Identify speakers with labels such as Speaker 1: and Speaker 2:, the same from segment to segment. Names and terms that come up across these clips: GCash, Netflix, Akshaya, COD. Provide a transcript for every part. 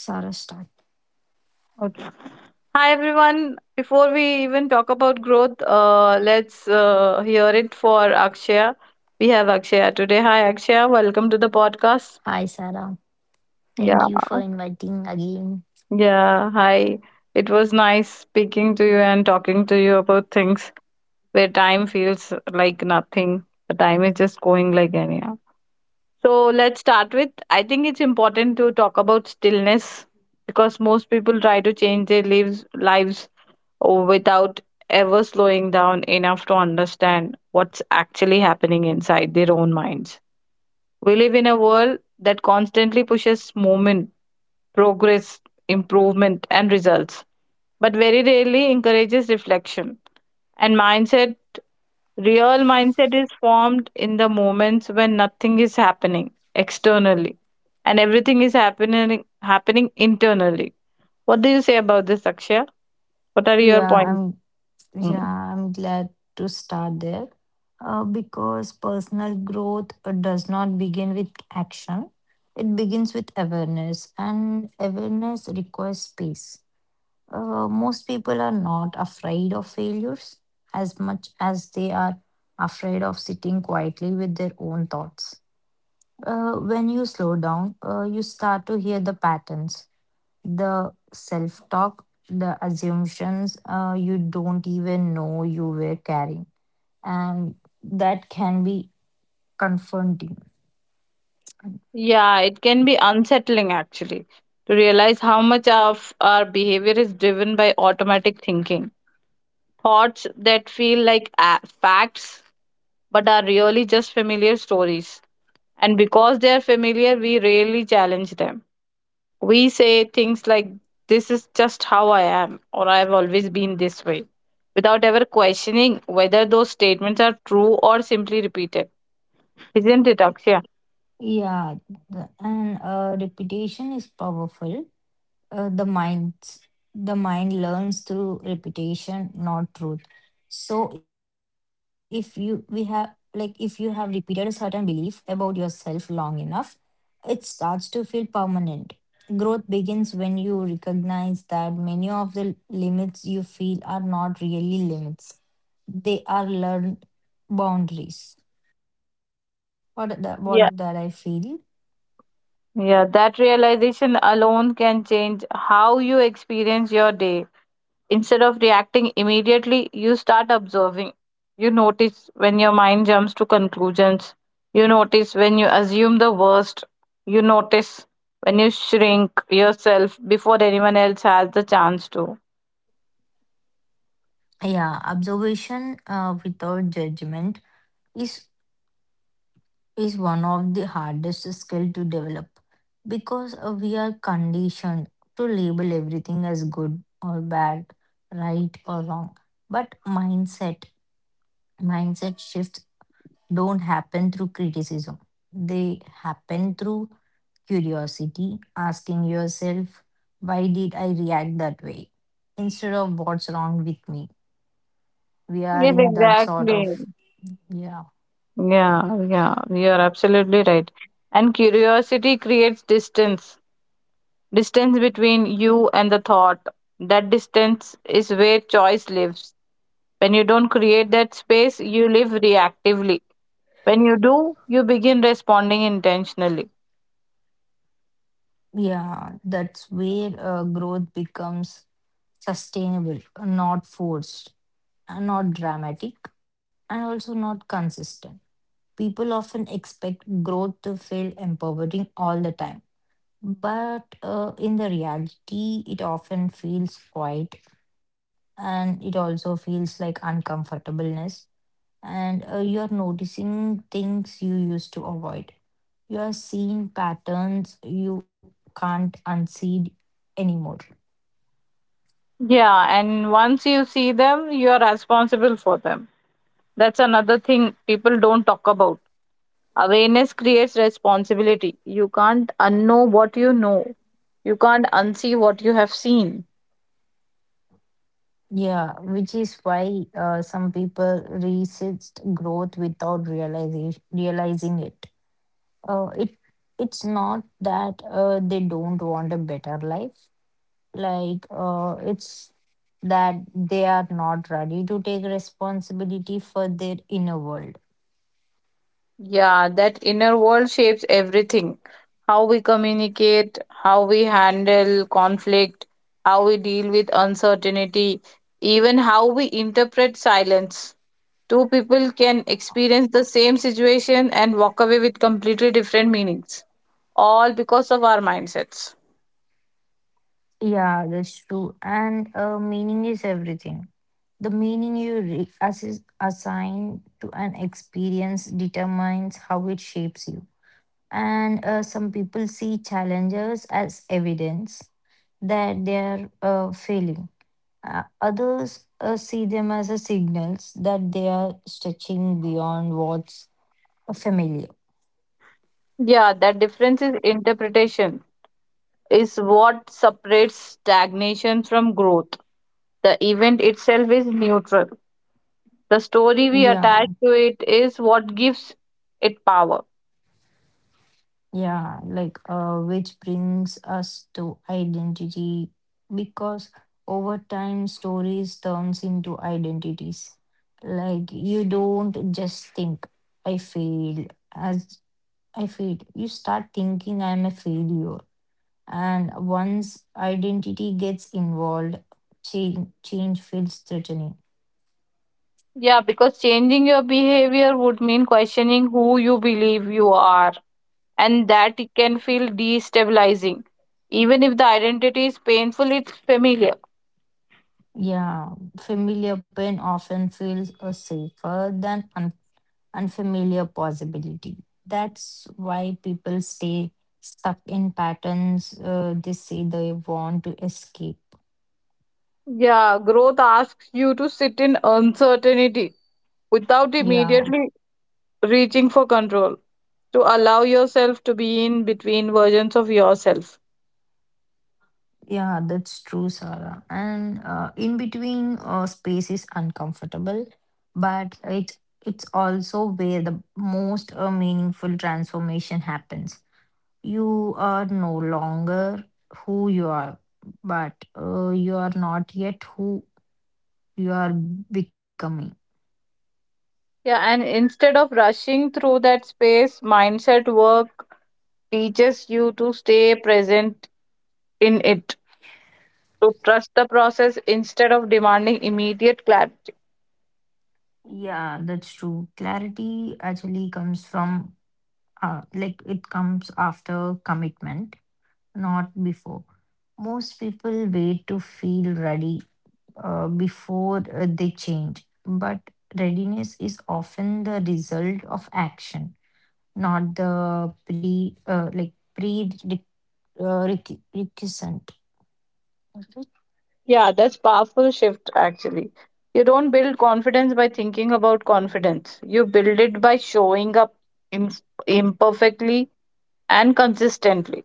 Speaker 1: Sarah start.
Speaker 2: Okay. Hi everyone. Before we even talk about growth, let's hear it for Akshaya. We have Akshaya today. Hi Akshaya, welcome to the
Speaker 1: Hi,
Speaker 2: podcast.
Speaker 1: Sarah. Thank you for
Speaker 2: Yeah,
Speaker 1: inviting again.
Speaker 2: yeah. Hi. It was nice speaking to you and talking to you about things where time feels like nothing. The time is just going like anyhow. So let's start with. I think it's important to talk about stillness because most people try to change their lives without ever slowing down enough to understand what's actually happening inside their own minds. We live in a world that constantly pushes movement, progress, improvement, and results, but very rarely encourages reflection. And mindset, real mindset is formed in the moments when nothing is happening externally and everything is happening internally. What do you say about this, Akshay? What are your
Speaker 1: Yeah,
Speaker 2: points? Hmm.
Speaker 1: I'm glad to start there. Because personal growth does not begin with action. It begins with awareness, and awareness requires space. Most people are not afraid of failures as much as they are afraid of sitting quietly with their own thoughts. When you slow down, you start to hear the patterns, the self talk, the assumptions you don't even know you were carrying. And that can be confronting.
Speaker 2: Yeah, it can be unsettling actually to realize how much of our behavior is driven by automatic thinking. Thoughts that feel like facts but are really just familiar stories. And because they are familiar, we rarely challenge them. We say things like, this is just how I am, or I've always been this way, without ever questioning whether those statements are true or simply repeated. Isn't it, Akshay?
Speaker 1: Yeah, and reputation is powerful. uh, the mind the mind learns through repetition, not truth. So if you we have like if you have repeated a certain belief about yourself long enough, it starts to feel permanent. Growth begins when you recognize that many of the limits you feel are not really limits, they are learned boundaries. What that I feel.
Speaker 2: Yeah, that realization alone can change how you experience your day. Instead of reacting immediately, you start observing. You notice when your mind jumps to conclusions. You notice when you assume the worst. You notice when you shrink yourself before anyone else has the chance to.
Speaker 1: Yeah, observation without judgment is is one of the hardest skill to develop, because we are conditioned to label everything as good or bad, right or wrong. But mindset shifts don't happen through criticism, they happen through curiosity, asking yourself, why did I react that way instead of what's wrong with me? We are
Speaker 2: Yes,
Speaker 1: in that sort
Speaker 2: exactly.
Speaker 1: of. yeah
Speaker 2: Yeah, yeah, you're absolutely right. And curiosity creates distance between you and the thought. That distance is where choice lives. When you don't create that space, you live reactively. When you do, you begin responding intentionally.
Speaker 1: yeah that's where growth becomes sustainable, not forced, and not dramatic, and also not consistent. People often expect growth to feel empowering all the time. But in the reality, it often feels quiet, and it also feels like uncomfortableness. And you're noticing things you used to avoid. You are seeing patterns you can't unsee anymore.
Speaker 2: Yeah, and once you see them, you are responsible for them. That's another thing people don't talk about. Awareness creates responsibility. You can't unknow what you know, you can't unsee what you have seen.
Speaker 1: Yeah, which is why some people resist growth without realizing it. Uh, it it's not that they don't want a better life. Like, it's that they are not ready to take responsibility for their inner world.
Speaker 2: Yeah, that inner world shapes everything. How we communicate, how we handle conflict, how we deal with uncertainty, even how we interpret silence. Two people can experience the same situation and walk away with completely different meanings, all because of our mindsets.
Speaker 1: Yeah, that's true. And meaning is everything. The meaning you assign to an experience determines how it shapes you, and some people see challenges as evidence that they are failing. Others see them as a signals that they are stretching beyond what's familiar.
Speaker 2: Yeah, that difference is interpretation, is what separates stagnation from growth. The event itself is neutral. The story we
Speaker 1: Yeah,
Speaker 2: attach to it is what gives it power.
Speaker 1: yeah, like, which brings us to identity because over time stories turns into identities. Like, you don't just think I failed as I feel. You start thinking, I'm a failure. And once identity gets involved, change feels threatening.
Speaker 2: Yeah, because changing your behavior would mean questioning who you believe you are, and that it can feel destabilizing. Even if the identity is painful, it's familiar.
Speaker 1: Yeah, familiar pain often feels safer than unfamiliar possibility. That's why people stay stuck in patterns they say they want to escape.
Speaker 2: Yeah, growth asks you to sit in uncertainty without
Speaker 1: Yeah.
Speaker 2: immediately reaching for control, to allow yourself to be in between versions of yourself.
Speaker 1: Yeah, that's true, Sarah. And in between space is uncomfortable, but it's also where the most meaningful transformation happens. You are no longer who you are, but you are not yet who you are becoming.
Speaker 2: Yeah, and instead of rushing through that space, mindset work teaches you to stay present in it, to trust the process instead of demanding immediate clarity.
Speaker 1: Yeah, that's true. Clarity actually comes from like it comes after commitment, not before. Most people wait to feel ready before they change, but readiness is often the result of action, not the pre like pre requ- requisite.
Speaker 2: Yeah, that's powerful shift actually. You don't build confidence by thinking about confidence. You build it by showing up im- imperfectly and consistently.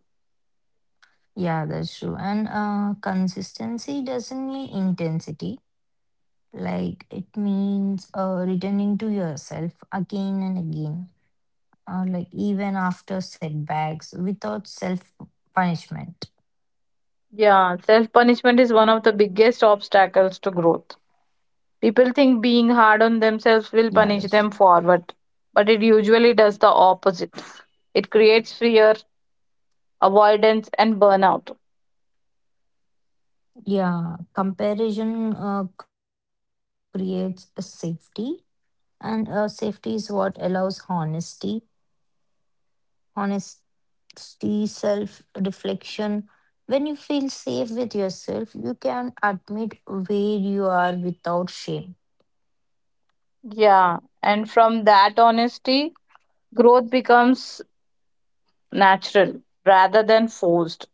Speaker 1: Yeah, that's true. And consistency doesn't mean intensity. Like, it means returning to yourself again and again, like, even after setbacks, without self punishment.
Speaker 2: Yeah, self punishment is one of the biggest obstacles to growth. People think being hard
Speaker 1: Yeah,
Speaker 2: on
Speaker 1: that's true.
Speaker 2: themselves will punish them forward, but it usually does the opposite. It creates fear, avoidance, and burnout.
Speaker 1: Yeah, comparison creates a safety, and safety is what allows honesty, self reflection. When you feel safe with yourself, you can admit where you are without shame.
Speaker 2: Yeah, and from that honesty, growth becomes natural rather than forced.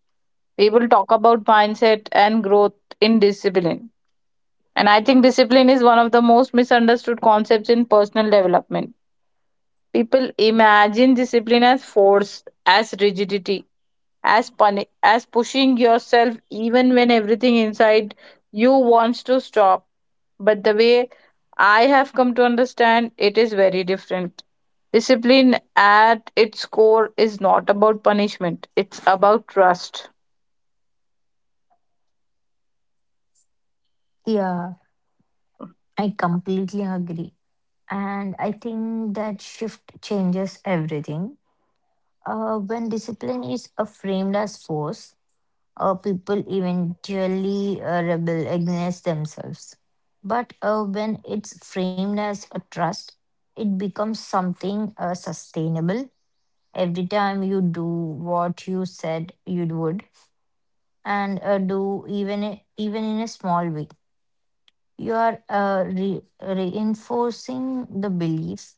Speaker 2: People talk about mindset and growth in discipline. And I think discipline is one of the most misunderstood concepts in personal development. People imagine discipline as force, as rigidity, as as pushing yourself even when everything inside you wants to stop, but the way I have come to understand it is very different. Discipline at its core is not about punishment, it's about trust.
Speaker 1: Yeah, I completely agree, and I think that shift changes everything. When discipline is framed as force, people eventually rebel against themselves. But when it's framed as a trust, it becomes something sustainable. Every time you do what you said you would, and do, even even in a small way, you are reinforcing the belief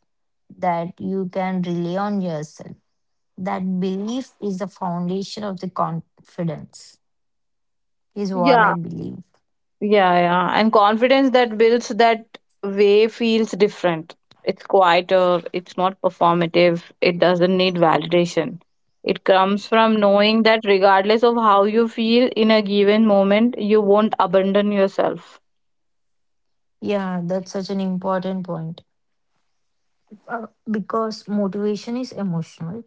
Speaker 1: that you can rely on yourself, that belief is the foundation of the confidence, is what I
Speaker 2: Yeah.
Speaker 1: believe.
Speaker 2: Yeah, yeah. And confidence that builds that way feels different. It's quieter, it's not performative, it doesn't need validation. It comes from knowing that regardless of how you feel in a given moment, you won't abandon yourself.
Speaker 1: Yeah, that's such an important point, because motivation is emotional.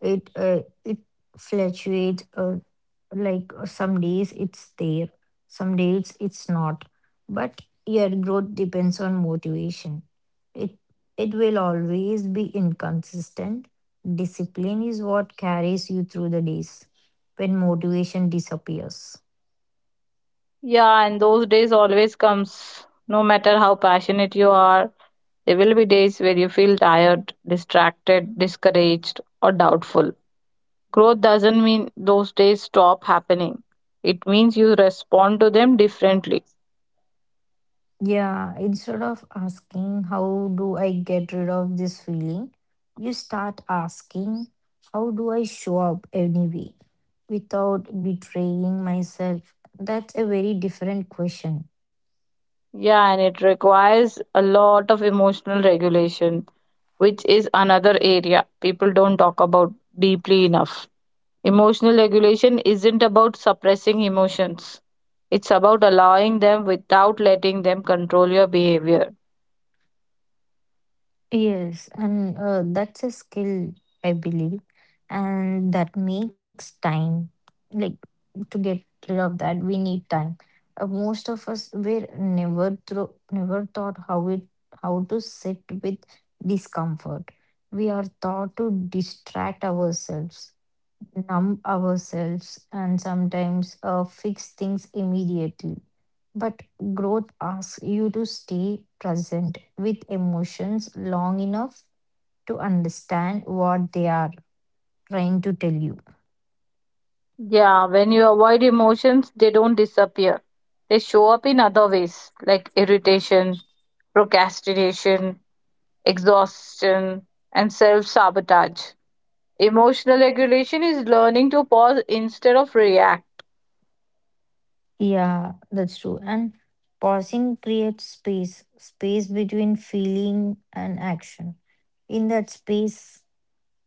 Speaker 1: It fluctuates. Uh, like, some days it's there, some days it's not. But your growth depends on motivation. It it will always be inconsistent. Discipline is what carries you through the days when motivation disappears.
Speaker 2: Yeah, and those days always comes. No matter how passionate you are, there will be days where you feel tired, distracted, discouraged, or doubtful. Growth doesn't mean those days stop happening. It means you respond to them differently.
Speaker 1: Yeah, instead of asking, how do I get rid of this feeling, you start asking, how do I show up anyway without betraying myself? That's a very different question.
Speaker 2: Yeah, and it requires a lot of emotional regulation, which is another area people don't talk about deeply enough. Emotional regulation isn't about suppressing emotions, it's about allowing them without letting them control your behavior.
Speaker 1: Yes, and that's a skill, I believe, and that makes time. Like, to get rid of that, we need time. Most of us were never through, never taught how to sit with discomfort. We are taught to distract ourselves, numb ourselves, and sometimes fix things immediately. But growth asks you to stay present with emotions long enough to understand what they are trying to tell you.
Speaker 2: Yeah, when you avoid emotions, they don't disappear. They show up in other ways, like irritation, procrastination, exhaustion, and self sabotage. Emotional regulation is learning to pause instead of react.
Speaker 1: Yeah, that's true. And pausing creates space, space between feeling and action. In that space,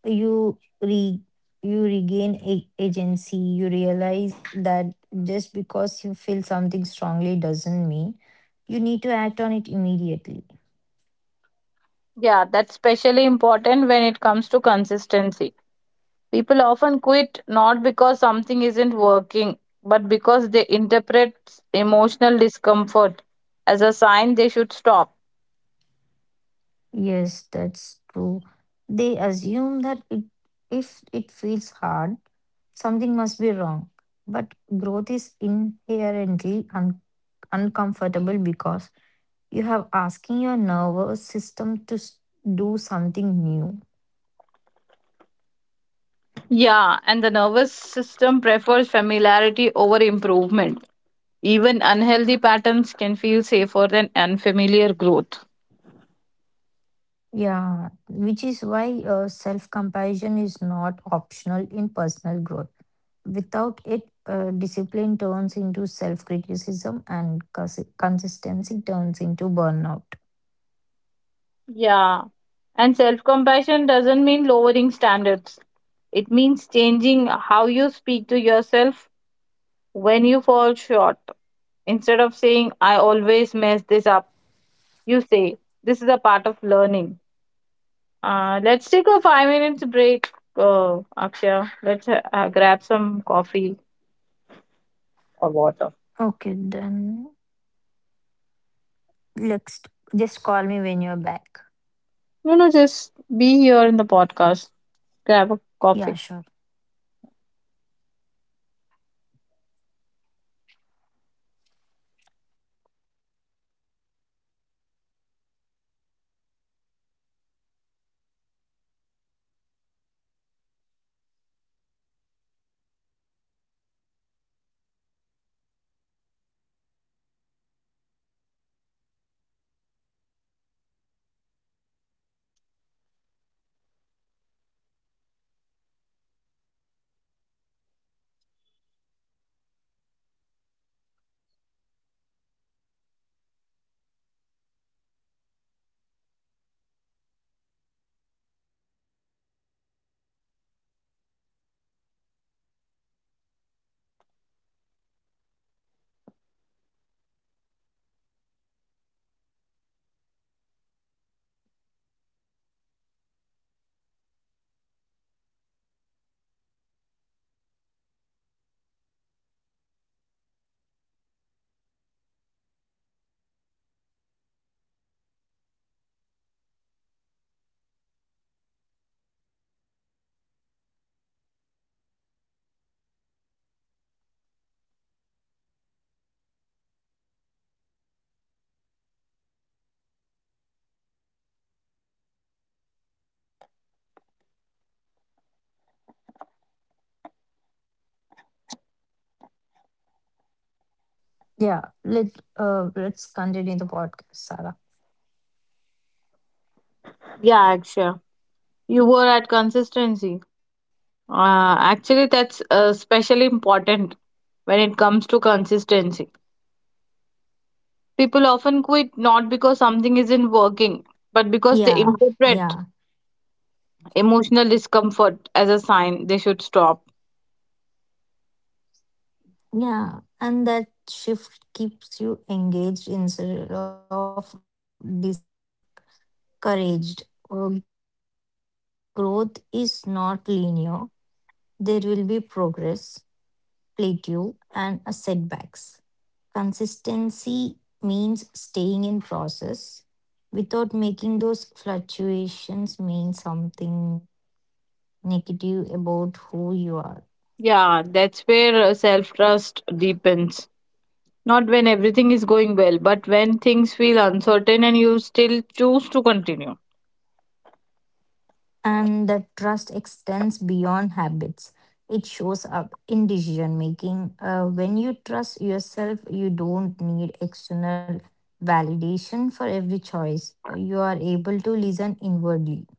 Speaker 1: you re you regain agency. You realize that just because you feel something strongly doesn't mean you need to act on it immediately.
Speaker 2: Yeah, that's especially important when it comes to consistency. People often quit not because something isn't working, but because they interpret emotional discomfort as a sign they should stop.
Speaker 1: Yes, that's true. They assume that if it feels hard, something must be wrong. But growth is inherently uncomfortable because you have asking your nervous system to do something new.
Speaker 2: Yeah, and the nervous system prefers familiarity over improvement. Even unhealthy patterns can feel safer than unfamiliar growth.
Speaker 1: Yeah, which is why self comparison is not optional in personal growth. Without it, discipline turns into self criticism, and consistency turns into burnout.
Speaker 2: Yeah. And self compassion doesn't mean lowering standards, it means changing how you speak to yourself when you fall short. Instead of saying, I always mess this up, you say, this is a part of learning. Let's take a 5-minute break, Akshay. Let's grab some coffee. Or water.
Speaker 1: Okay, then let's just call me when you're back.
Speaker 2: No, no, just be here in the podcast. Grab a
Speaker 1: Yeah,
Speaker 2: coffee.
Speaker 1: sure. Yeah, let's continue the podcast, Sarah.
Speaker 2: Yeah, sure. You were at consistency. Actually, that's especially important when it comes to consistency. People often quit not because something isn't working, but because
Speaker 1: Yeah,
Speaker 2: they
Speaker 1: yeah,
Speaker 2: interpret emotional discomfort as a sign they should stop.
Speaker 1: yeah, and that shift keeps you engaged instead of encouraged. Growth is not linear. There will be progress, plateau, and setbacks. Consistency means staying in process without making those fluctuations mean something negative about who you are.
Speaker 2: Yeah, that's where self trust deepens. Not when everything is going well, but when things feel uncertain and you still choose to continue.
Speaker 1: And that trust extends beyond habits. It shows up in decision making. When you trust yourself, you don't need external validation for every choice. You are able to listen inwardly.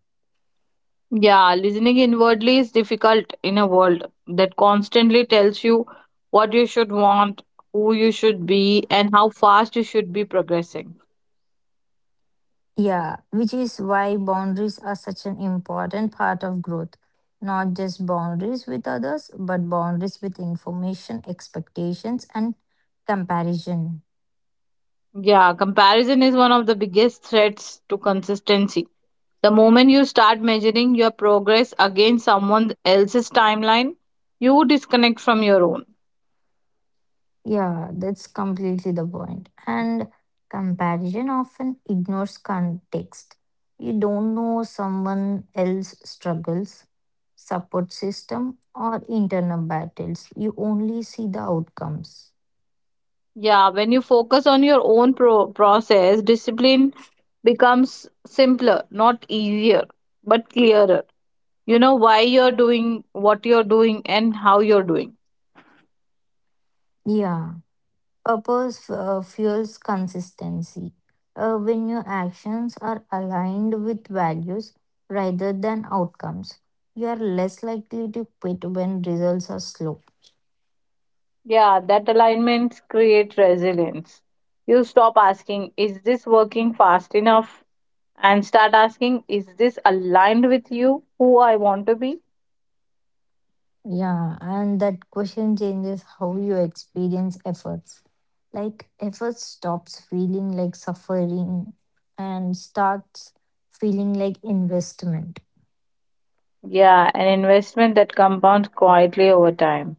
Speaker 2: Yeah, listening inwardly is difficult in a world that constantly tells you what you should want, who you should be, and how fast you should be progressing.
Speaker 1: Yeah, which is why boundaries are such an important part of growth. Not just boundaries with others, but boundaries with information, expectations, and comparison.
Speaker 2: Yeah, comparison is one of the biggest threats to consistency. The moment you start measuring your progress against someone else's timeline, you disconnect from your own.
Speaker 1: Yeah, that's completely the point. And comparison often ignores context. You don't know someone else's struggles, support system, or internal battles. You only see the outcomes.
Speaker 2: Yeah, when you focus on your own process, discipline becomes simpler, not easier, but clearer. You know why you're doing what you're doing and how you're doing.
Speaker 1: Yeah, purpose fuels consistency. When your actions are aligned with values rather than outcomes, you are less likely to quit when results are slow.
Speaker 2: Yeah, that alignment creates resilience. You stop asking, is this working fast enough? And start asking, is this aligned with you, who I want to be?
Speaker 1: Yeah, and that question changes how you experience efforts. Like, effort stops feeling like suffering and starts feeling like investment.
Speaker 2: Yeah, an investment that compounds quietly over time.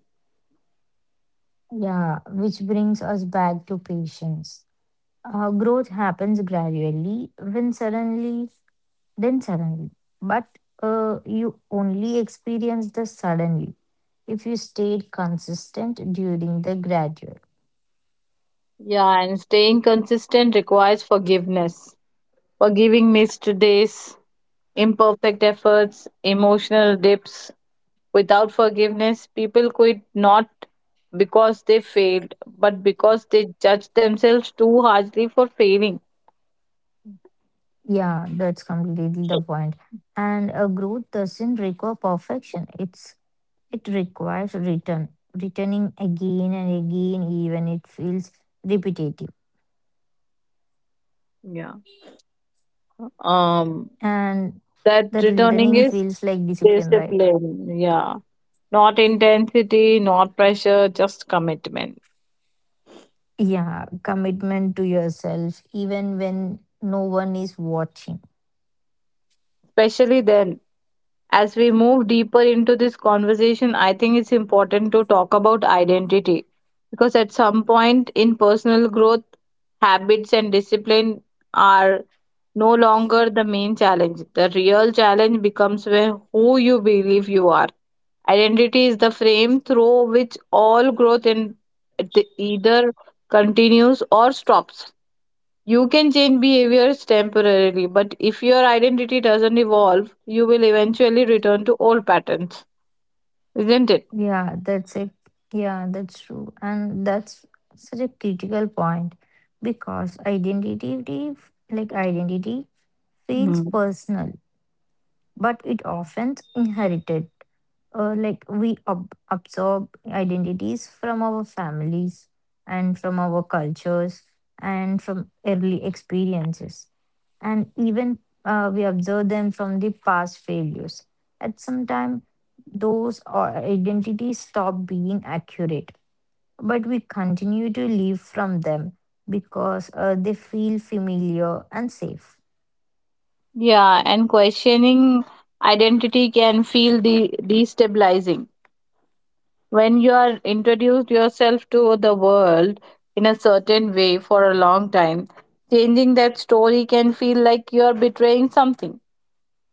Speaker 1: Yeah, which brings us back to patience. Growth happens gradually, when suddenly, then suddenly. But you only experience the suddenly if you stayed consistent during the gradual.
Speaker 2: Yeah, and staying consistent requires forgiveness. Forgiving missed days, imperfect efforts, emotional dips, without forgiveness, people quit not because they failed, but because they judge themselves too harshly for failing.
Speaker 1: Yeah, that's completely the point. And a growth doesn't require perfection. It requires return, returning again and again, even it feels repetitive.
Speaker 2: Yeah. Um,
Speaker 1: And
Speaker 2: that
Speaker 1: that
Speaker 2: returning
Speaker 1: returning
Speaker 2: is
Speaker 1: feels like discipline, right?
Speaker 2: discipline, yeah, not intensity, not pressure, just commitment.
Speaker 1: Yeah, commitment to yourself, even when no one is watching.
Speaker 2: Especially then, as we move deeper into this conversation, I think it's important to talk about identity because at some point in personal growth, habits and discipline are no longer the main challenge. The real challenge becomes where who you believe you are. Identity is the frame through which all growth in it either continues or stops. You can change behaviors temporarily, but if your identity doesn't evolve, you will eventually return to old patterns, isn't it?
Speaker 1: Yeah, that's it. Yeah, that's true. And that's such a critical point because identity feels
Speaker 2: Hmm.
Speaker 1: personal, but it often inherited. Like, we absorb identities from our families, and from our cultures, and from early experiences, and even we observe them from the past failures. At some time, those identities stop being accurate, but we continue to live from them because they feel familiar and safe.
Speaker 2: Yeah, and questioning identity can feel destabilizing. When you are introduced yourself to the world in a certain way for a long time, changing that story can feel like you are betraying something,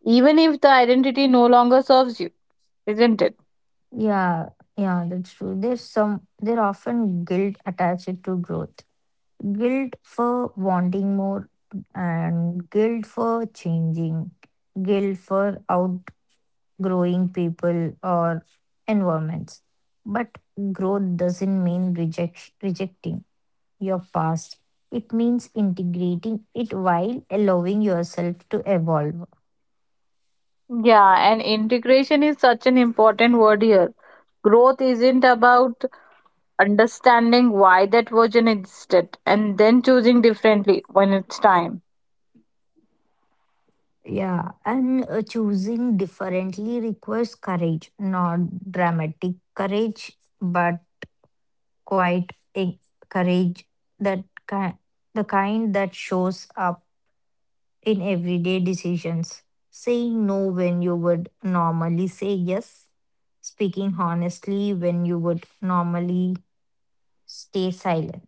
Speaker 2: even if the identity no longer serves you, isn't it?
Speaker 1: Yeah, yeah, that's true. There often guilt attached to growth. Guilt for wanting more and guilt for changing, guilt for outgrowing people or environments. But growth doesn't mean rejecting your past. It means integrating it while allowing yourself to evolve.
Speaker 2: Yeah, and integration is such an important word here. Growth isn't about understanding why that version existed and then choosing differently when it's time.
Speaker 1: Yeah, and choosing differently requires courage, not dramatic courage, but quite eh, courage, that ki- the kind that shows up in everyday decisions. Saying no when you would normally say yes, speaking honestly when you would normally stay silent.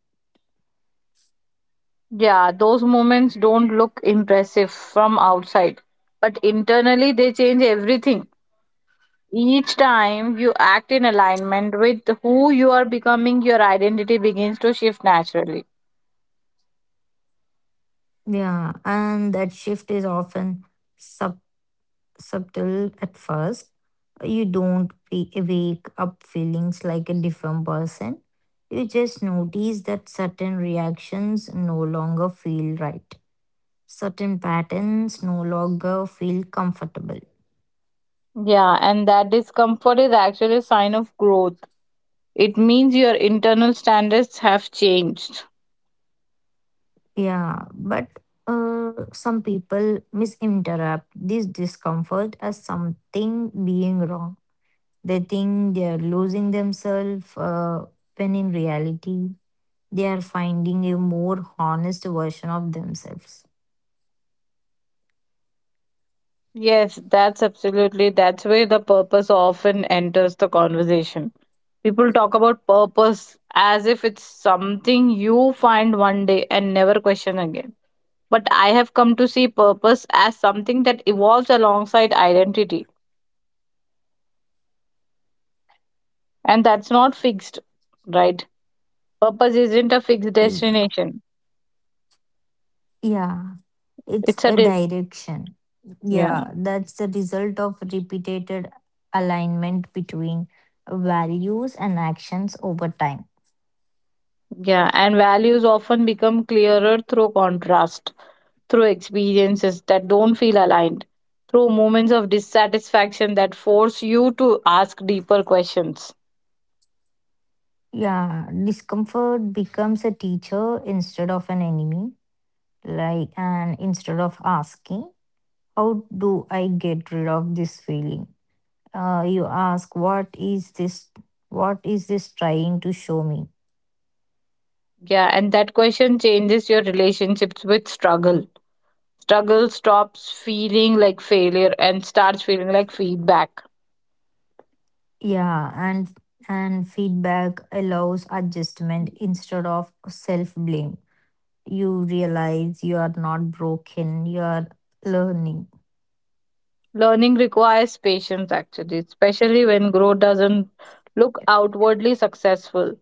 Speaker 2: Yeah, those moments don't look impressive from outside, but internally they change everything. Each time you act in alignment with who you are becoming, your identity begins to shift naturally.
Speaker 1: Yeah, and that shift is often subtle at first. You don't wake up feelings like a different person. You just notice that certain reactions no longer feel right. Certain patterns no longer feel comfortable.
Speaker 2: Yeah, and that discomfort is actually a sign of growth. It means your internal standards have changed.
Speaker 1: Yeah, but some people misinterpret this discomfort as something being wrong. They think they are losing themselves when in reality they are finding a more honest version of themselves.
Speaker 2: Yes, that's absolutely. That's where the purpose often enters the conversation. People talk about purpose as if it's something you find one day and never question again. But I have come to see purpose as something that evolves alongside identity. And that's not fixed, right? Purpose isn't a fixed
Speaker 1: Y-
Speaker 2: destination.
Speaker 1: Yeah, it's
Speaker 2: It's a,
Speaker 1: a direction.
Speaker 2: yeah.
Speaker 1: Yeah, that's the result of repeated alignment between values and actions over time.
Speaker 2: Yeah, and values often become clearer through contrast, through experiences that don't feel aligned, through moments of dissatisfaction that force you to ask deeper questions.
Speaker 1: Yeah, discomfort becomes a teacher instead of an enemy. Like, and instead of asking, how do I get rid of this feeling? You ask, what is this? What is this trying to show me?
Speaker 2: Yeah, and that question changes your relationships with struggle. Struggle stops feeling like failure and starts feeling like feedback.
Speaker 1: Yeah, and feedback allows adjustment instead of self-blame. You realize you are not broken, you are learning.
Speaker 2: Learning requires patience, actually, especially when growth doesn't look outwardly successful.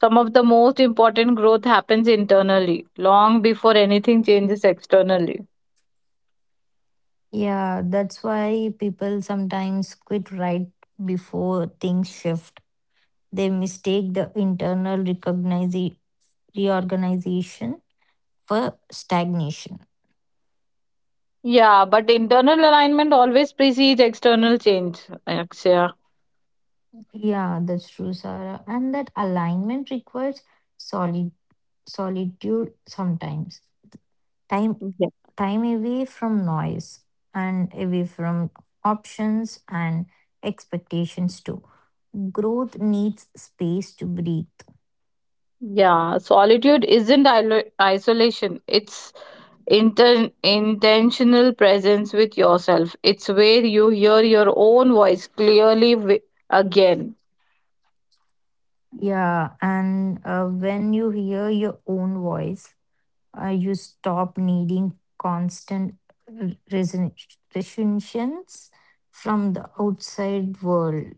Speaker 2: Some of the most important growth happens internally, long before anything changes externally.
Speaker 1: Yeah, that's why people sometimes quit right before things shift. They mistake the internal reorganization for stagnation.
Speaker 2: Yeah, but internal alignment always precedes external change, Akshaya.
Speaker 1: Yeah, that's true, Sarah. And that alignment requires solid solitude sometimes. Time.
Speaker 2: Yes.
Speaker 1: Time away from noise and away from options and expectations too. Growth needs space to breathe.
Speaker 2: Yeah, solitude isn't isolation, it's intentional presence with yourself. It's where you hear your own voice clearly again.
Speaker 1: Yeah, and when you hear your own voice, you stop needing constant r- reason- reassurances from the outside world,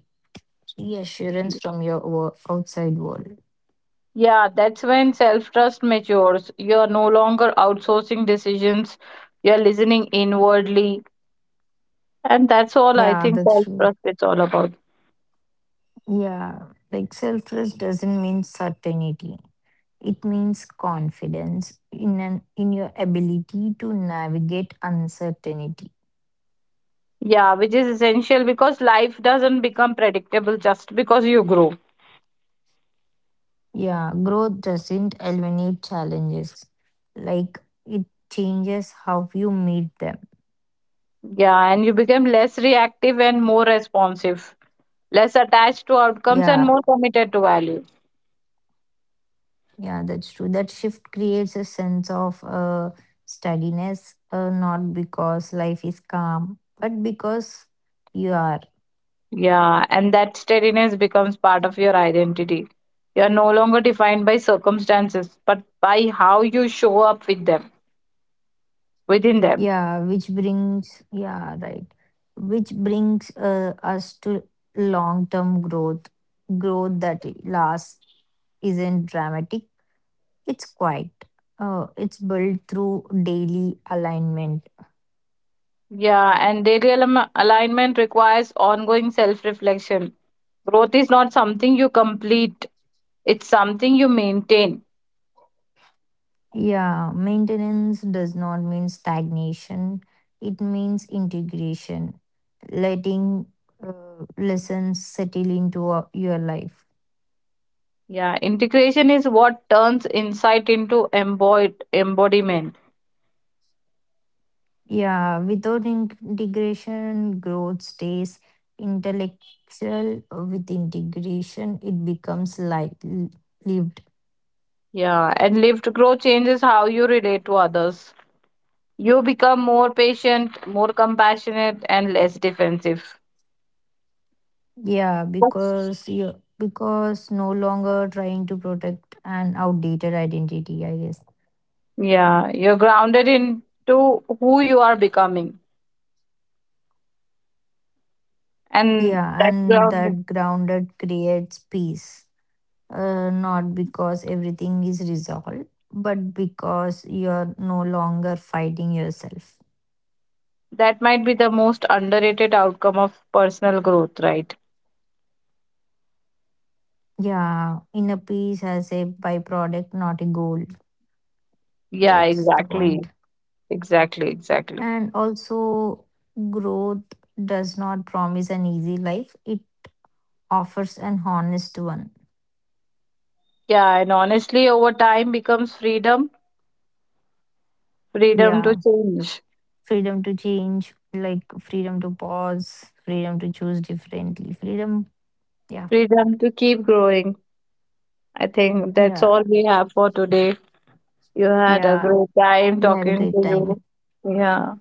Speaker 1: reassurance from your outside world.
Speaker 2: Yeah, that's when self trust matures. You're no longer outsourcing decisions, you're listening inwardly. And that's all I
Speaker 1: Yeah,
Speaker 2: think
Speaker 1: that's
Speaker 2: self
Speaker 1: true.
Speaker 2: trust is all about.
Speaker 1: Yeah, like, self trust doesn't mean certainty. It means confidence in your ability to navigate uncertainty.
Speaker 2: Yeah, which is essential because life doesn't become predictable just because you grow.
Speaker 1: Yeah, growth doesn't eliminate challenges. Like, it changes how you meet them.
Speaker 2: Yeah, and you become less reactive and more responsive, less attached to outcomes and
Speaker 1: Yeah,
Speaker 2: more committed to value.
Speaker 1: yeah, that's true. That shift creates a sense of steadiness, not because life is calm, but because you are.
Speaker 2: Yeah, and that steadiness becomes part of your identity. You're no longer defined by circumstances, but by how you show up with them. Within them.
Speaker 1: Yeah, which brings, yeah, right. Which brings us to long-term growth. Growth that lasts isn't dramatic, it's quiet. It's built through daily alignment.
Speaker 2: Yeah, and daily alignment requires ongoing self reflection. Growth is not something you complete, it's something you maintain.
Speaker 1: Yeah, maintenance does not mean stagnation, it means integration, letting lessons settle into your life.
Speaker 2: Yeah, integration is what turns insight into embodied embodiment.
Speaker 1: Yeah, without integration, growth stays intellectual. With integration, it becomes like lived.
Speaker 2: Yeah, and lived growth changes how you relate to others. You become more patient, more compassionate, and less defensive.
Speaker 1: Yeah,
Speaker 2: Yes.
Speaker 1: because you because no longer trying to protect an outdated identity, I guess.
Speaker 2: Yeah, you're grounded into who you are becoming, and
Speaker 1: Yeah,
Speaker 2: that's
Speaker 1: and
Speaker 2: grounded.
Speaker 1: that grounded creates peace. Not because everything is resolved, but because you're no longer fighting yourself.
Speaker 2: That might be the most underrated outcome of personal growth, right?
Speaker 1: Yeah, inner peace as a byproduct, not a goal.
Speaker 2: Yeah,
Speaker 1: That's the
Speaker 2: exactly.
Speaker 1: point.
Speaker 2: Exactly, exactly.
Speaker 1: And also, growth does not promise an easy life, it offers an honest one.
Speaker 2: Yeah, and honestly, over time becomes freedom, freedom to
Speaker 1: Yeah,
Speaker 2: change,
Speaker 1: freedom to change, like freedom to pause, freedom to choose differently, freedom. Yeah,
Speaker 2: freedom to keep growing. I think that's
Speaker 1: yeah,
Speaker 2: all we have for today. You had a
Speaker 1: yeah.
Speaker 2: great time
Speaker 1: We had a
Speaker 2: talking
Speaker 1: great
Speaker 2: to you.
Speaker 1: time.
Speaker 2: Yeah,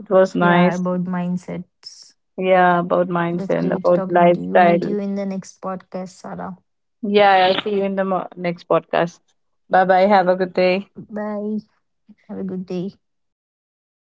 Speaker 2: it was
Speaker 1: Yeah,
Speaker 2: nice.
Speaker 1: about mindsets.
Speaker 2: Yeah, about
Speaker 1: That's
Speaker 2: mindset and
Speaker 1: great
Speaker 2: about
Speaker 1: talking to you. Meet
Speaker 2: lifestyle.
Speaker 1: you in the next podcast, Sarah.
Speaker 2: Yeah, I'll see you in the next podcast. Bye bye. Have a good day.
Speaker 1: Bye. Have a good day.
Speaker 2: Bye.